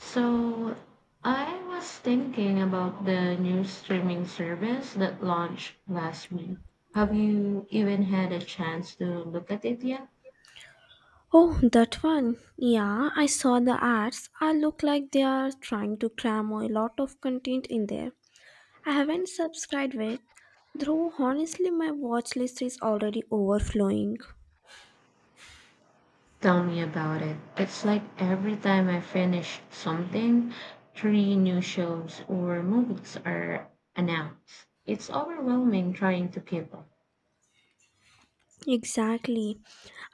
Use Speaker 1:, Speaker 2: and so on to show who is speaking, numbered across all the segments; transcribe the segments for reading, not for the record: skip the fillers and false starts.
Speaker 1: So I was thinking about the new streaming service that launched last week. Have you even had a chance to look at it yet?
Speaker 2: Oh, that one. Yeah, I saw the ads. I look like they are trying to cram a lot of content in there. I haven't subscribed yet, though honestly, my watch list is already overflowing.
Speaker 1: Tell me about it. It's like every time I finish something, three new shows or movies are announced. It's overwhelming trying to keep up.
Speaker 2: Exactly.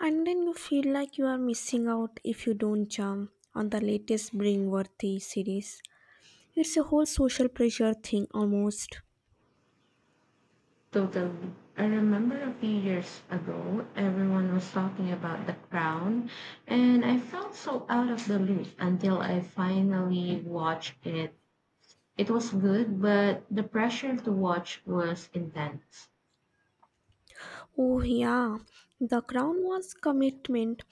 Speaker 2: And then you feel like you are missing out if you don't jump on the latest Bringworthy series. It's a whole social pressure thing almost.
Speaker 1: Totally. I remember a few years ago, everyone was talking about The Crown, and I felt so out of the loop until I finally watched it. It was good, but the pressure to watch was intense.
Speaker 2: Oh, yeah, the crown was commitment.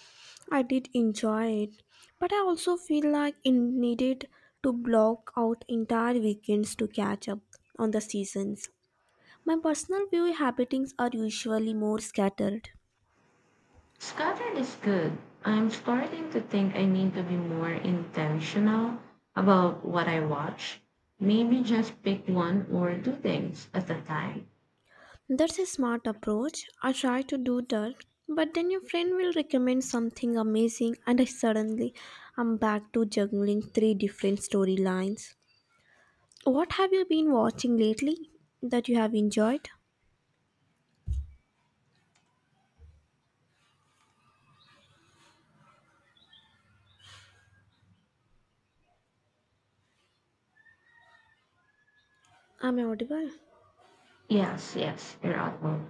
Speaker 2: I did enjoy it, but I also feel like it needed to block out entire weekends to catch up on the seasons. My personal viewing habitings are usually more scattered.
Speaker 1: Scattered is good. I'm starting to think I need to be more intentional about what I watch. Maybe just pick one or two things at a time.
Speaker 2: That's a smart approach. I try to do that, but then your friend will recommend something amazing, and I'm back to juggling three different storylines. What have you been watching lately that you have enjoyed? Am I audible?
Speaker 1: Yes, yes, you're audible.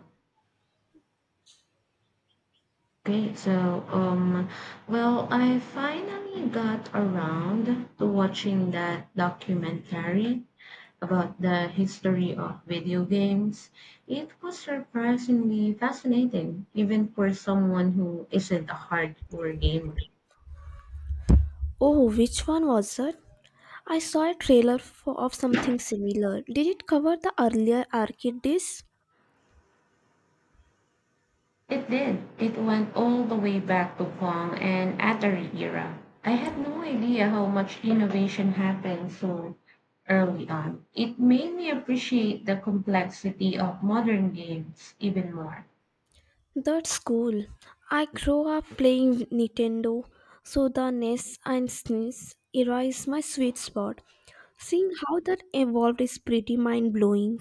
Speaker 1: Okay, so, I finally got around to watching that documentary about the history of video games. It was surprisingly fascinating, even for someone who isn't a hardcore gamer.
Speaker 2: Oh, which one was it? I saw a trailer of something similar. Did it cover the earlier arcade days?
Speaker 1: It did. It went all the way back to Kwong and Atari era. I had no idea how much innovation happened so early on. It made me appreciate the complexity of modern games even more,
Speaker 2: That's cool. I grew up playing Nintendo, so the NES and SNES era is my sweet spot. Seeing how that evolved is pretty mind blowing.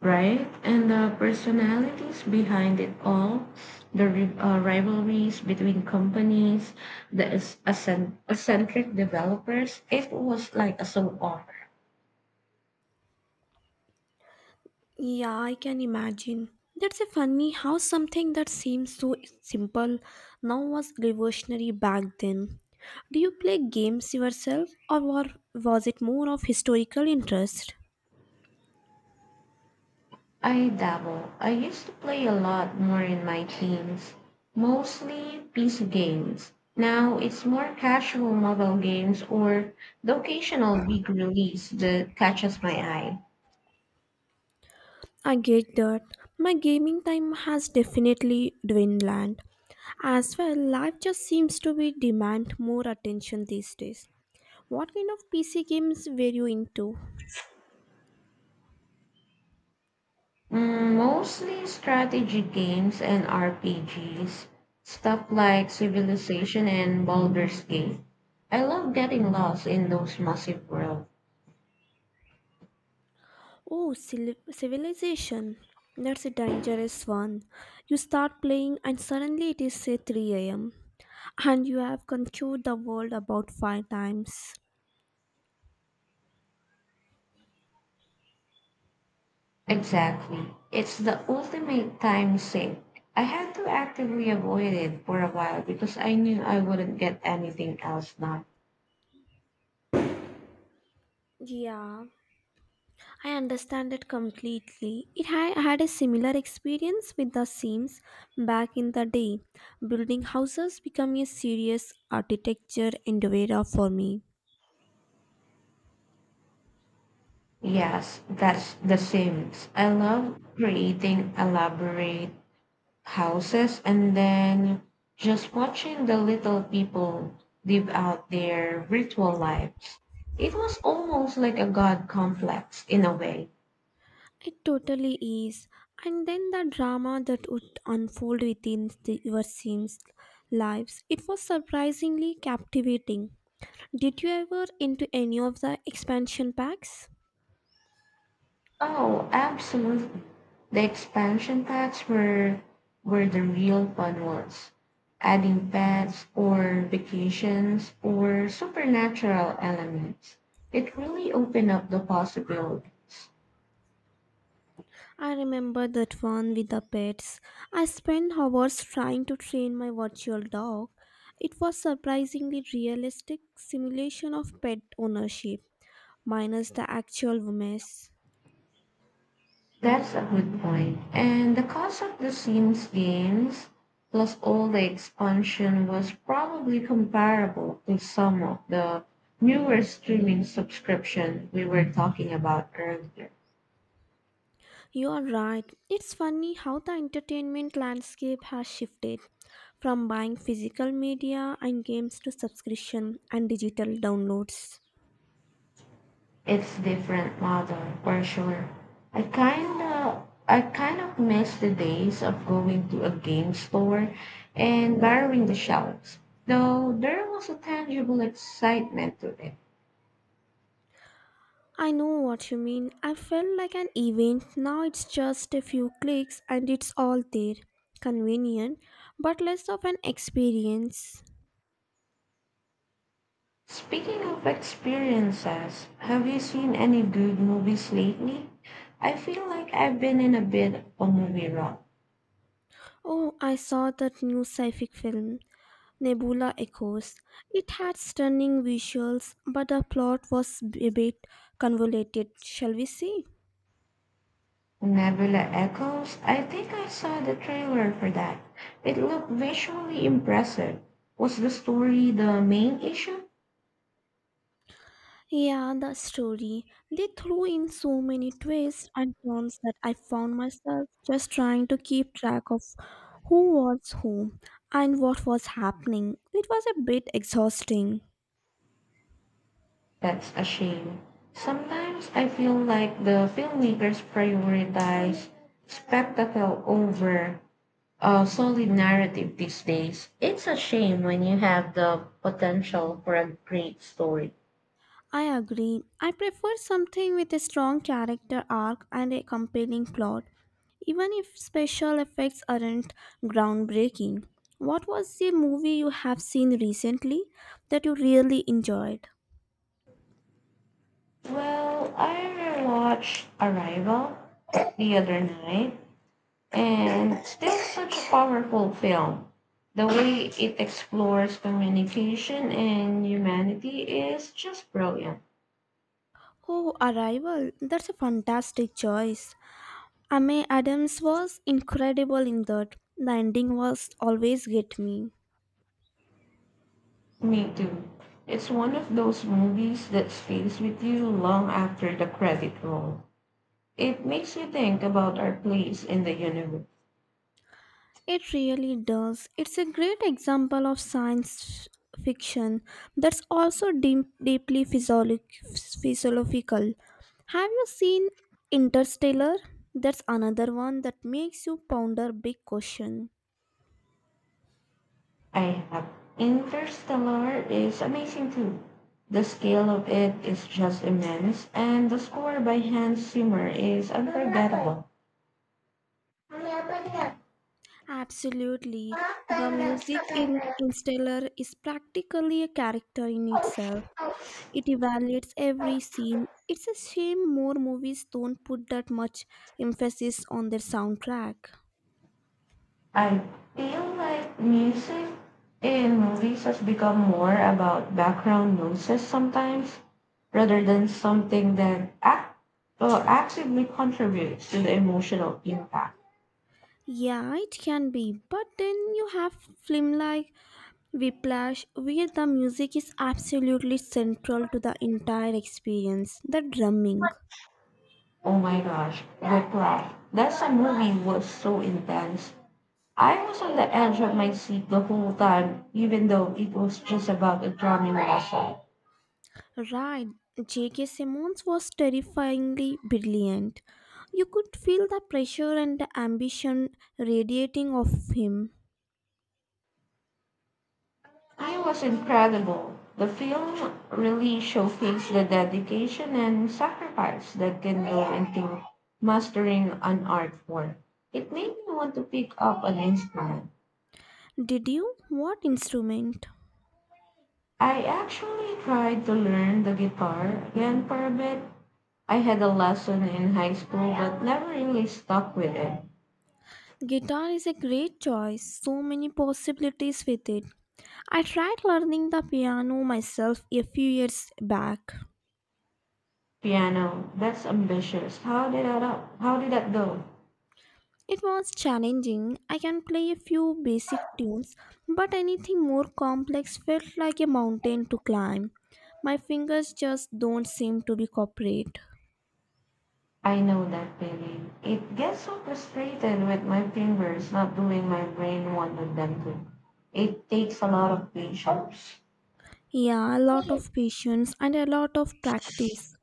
Speaker 1: right? And the personalities behind it all, the rivalries between companies, the eccentric developers. It was like a soap opera.
Speaker 2: Yeah, I can imagine. That's a funny how something that seems so simple now was revolutionary back then. Do you play games yourself or was it more of historical interest?
Speaker 1: I dabble. I used to play a lot more in my teens, mostly PC games. Now it's more casual mobile games or the occasional big release that catches my eye.
Speaker 2: I get that. My gaming time has definitely dwindled. As well, life just seems to be demand more attention these days. What kind of PC games were you into?
Speaker 1: Mostly strategy games and RPGs, stuff like Civilization and Baldur's Gate. I love getting lost in those massive worlds.
Speaker 2: Oh, civilization. That's a dangerous one. You start playing and suddenly it is say 3 a.m. and you have conquered the world about five times.
Speaker 1: Exactly. It's the ultimate time sink. I had to actively avoid it for a while because I knew I wouldn't get anything else done.
Speaker 2: Yeah, I understand it completely. I had a similar experience with the Sims back in the day. Building houses became a serious architecture endeavor for me.
Speaker 1: Yes, that's The Sims. I love creating elaborate houses and then just watching the little people live out their virtual lives. It was almost like a god complex in a way.
Speaker 2: It totally is. And then the drama that would unfold within your scenes lives. It was surprisingly captivating. Did you ever into any of the expansion packs?
Speaker 1: Oh, absolutely. The expansion packs were where the real fun was. Adding pets or vacations or supernatural elements. It really opened up the possibilities.
Speaker 2: I remember that one with the pets. I spent hours trying to train my virtual dog. It was surprisingly realistic simulation of pet ownership, minus the actual mess.
Speaker 1: That's a good point. And the cost of the Sims games plus all the expansion was probably comparable to some of the newer streaming subscription we were talking about earlier.
Speaker 2: You are right. It's funny how the entertainment landscape has shifted from buying physical media and games to subscription and digital downloads.
Speaker 1: It's different model for sure. I kind of miss the days of going to a game store and borrowing the shelves, though there was a tangible excitement to it.
Speaker 2: I know what you mean. I felt like an event. Now it's just a few clicks and it's all there. Convenient, but less of an experience.
Speaker 1: Speaking of experiences, have you seen any good movies lately? I feel like I've been in a bit of a movie rut.
Speaker 2: Oh, I saw that new sci fi film. Nebula Echoes. It had stunning visuals, but the plot was a bit convoluted, shall we say?
Speaker 1: Nebula Echoes? I think I saw the trailer for that. It looked visually impressive. Was the story the main issue?
Speaker 2: Yeah, the story. They threw in so many twists and turns that I found myself just trying to keep track of who was who and what was happening. It was a bit exhausting.
Speaker 1: That's a shame. Sometimes I feel like the filmmakers prioritize spectacle over a solid narrative these days. It's a shame when you have the potential for a great story.
Speaker 2: I agree. I prefer something with a strong character arc and a compelling plot, even if special effects aren't groundbreaking. What was the movie you have seen recently that you really enjoyed?
Speaker 1: Well, I watched Arrival the other night. And still such a powerful film. The way it explores communication and humanity is just brilliant.
Speaker 2: Oh, Arrival. That's a fantastic choice. Amy Adams was incredible in that. The ending was always get me.
Speaker 1: Me too. It's one of those movies that stays with you long after the credit roll. It makes you think about our place in the universe.
Speaker 2: It really does. It's a great example of science fiction that's also deep, deeply physiologic, physiological. Have you seen Interstellar? That's another one that makes you ponder big question.
Speaker 1: I have. Interstellar is amazing too. The scale of it is just immense, and the score by Hans Zimmer is unforgettable.
Speaker 2: Absolutely. The
Speaker 1: I
Speaker 2: music in Interstellar is practically a character in itself. It evaluates every scene. It's a shame more movies don't put that much emphasis on their soundtrack.
Speaker 1: feel like music in movies has become more about background noises sometimes rather than something that actively contributes to the emotional impact.
Speaker 2: Yeah, it can be, but then you have film like Whiplash, where the music is absolutely central to the entire experience. The drumming,
Speaker 1: Oh my gosh, Whiplash. That's a movie was so intense. I was on the edge of my seat the whole time, even though it was just about a drumming lesson.
Speaker 2: right? J.K. Simmons was terrifyingly brilliant. You could feel the pressure and the ambition radiating off him.
Speaker 1: I was incredible. The film really showcased the dedication and sacrifice that can go into mastering an art form. It made me want to pick up an instrument.
Speaker 2: Did you? What instrument?
Speaker 1: I actually tried to learn the guitar again for a bit. I had a lesson in high school but never really stuck with it.
Speaker 2: Guitar is a great choice, so many possibilities with it. I tried learning the piano myself a few years back,
Speaker 1: Piano, that's ambitious. How did that up? How did that go?
Speaker 2: It was challenging. I can play a few basic tunes, but anything more complex felt like a mountain to climb. My fingers just don't seem to be cooperate.
Speaker 1: I know that feeling. It gets so frustrated with my fingers not doing my brain wanted them to. It takes a lot of patience.
Speaker 2: Yeah, a lot of patience and a lot of practice.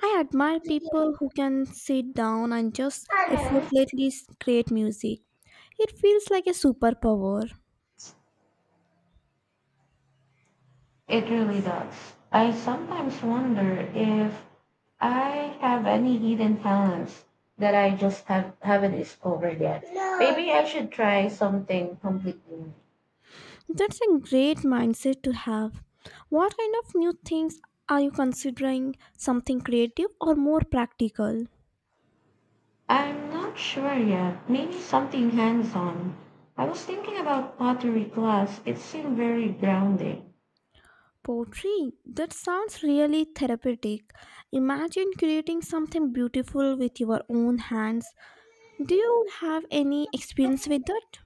Speaker 2: I admire people who can sit down and just effortlessly create music. It feels like a superpower.
Speaker 1: It really does. I sometimes wonder if I have any hidden talents that I just haven't discovered yet. Maybe I should try something completely new.
Speaker 2: That's a great mindset to have. What kind of new things are you considering? Something creative or more practical?
Speaker 1: I'm not sure yet. Maybe something hands on. I was thinking about pottery class. It seemed very grounding.
Speaker 2: Poetry? That sounds really therapeutic. Imagine creating something beautiful with your own hands. Do you have any experience with that?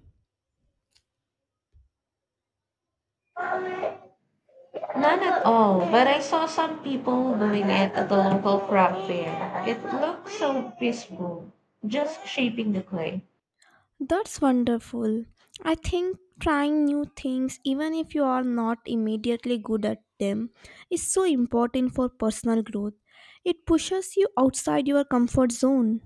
Speaker 1: None at all, but I saw some people doing it at the local craft fair. It looked so peaceful, just shaping the clay.
Speaker 2: That's wonderful. I think trying new things, even if you are not immediately good at them, is so important for personal growth. It pushes you outside your comfort zone.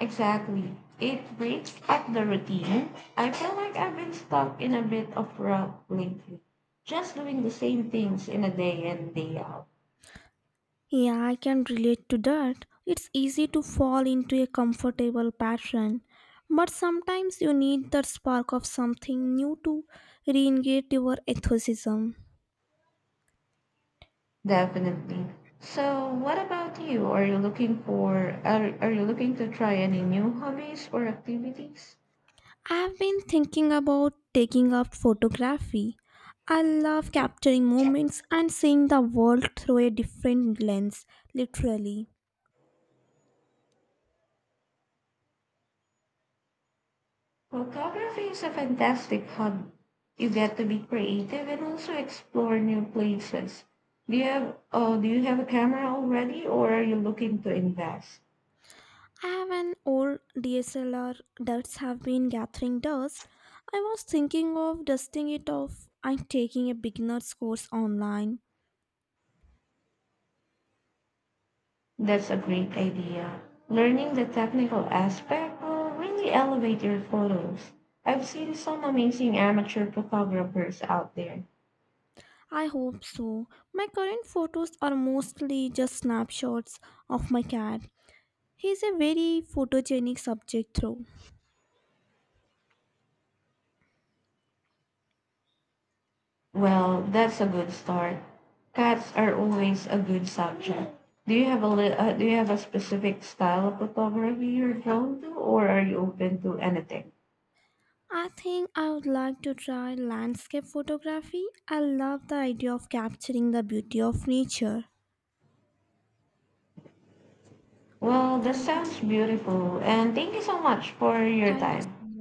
Speaker 1: Exactly. It breaks up the routine. I feel like I've been stuck in a bit of rut lately, just doing the same things in a day in, day out.
Speaker 2: Yeah, I can relate to that. It's easy to fall into a comfortable pattern, but sometimes you need that spark of something new to reengage your enthusiasm.
Speaker 1: Definitely. So, what about you? Are you looking to try any new hobbies or activities?
Speaker 2: I've been thinking about taking up photography. I love capturing moments and seeing the world through a different lens, literally.
Speaker 1: Photography is a fantastic hobby. You get to be creative and also explore new places. Do you have a camera already or are you looking to invest?
Speaker 2: I have an old DSLR that's have been gathering dust. I was thinking of dusting it off and taking a beginner's course online.
Speaker 1: That's a great idea. Learning the technical aspect will really elevate your photos. I've seen some amazing amateur photographers out there.
Speaker 2: I hope so. My current photos are mostly just snapshots of my cat. He's a very photogenic subject though.
Speaker 1: Well, that's a good start. Cats are always a good subject. Do you have a specific style of photography you're drawn to, or are you open to anything?
Speaker 2: I think I would like to try landscape photography. I love the idea of capturing the beauty of nature.
Speaker 1: Well, that
Speaker 2: Thank you.
Speaker 1: sounds beautiful, and thank you so much for your
Speaker 2: Thank you
Speaker 1: time.
Speaker 2: so much.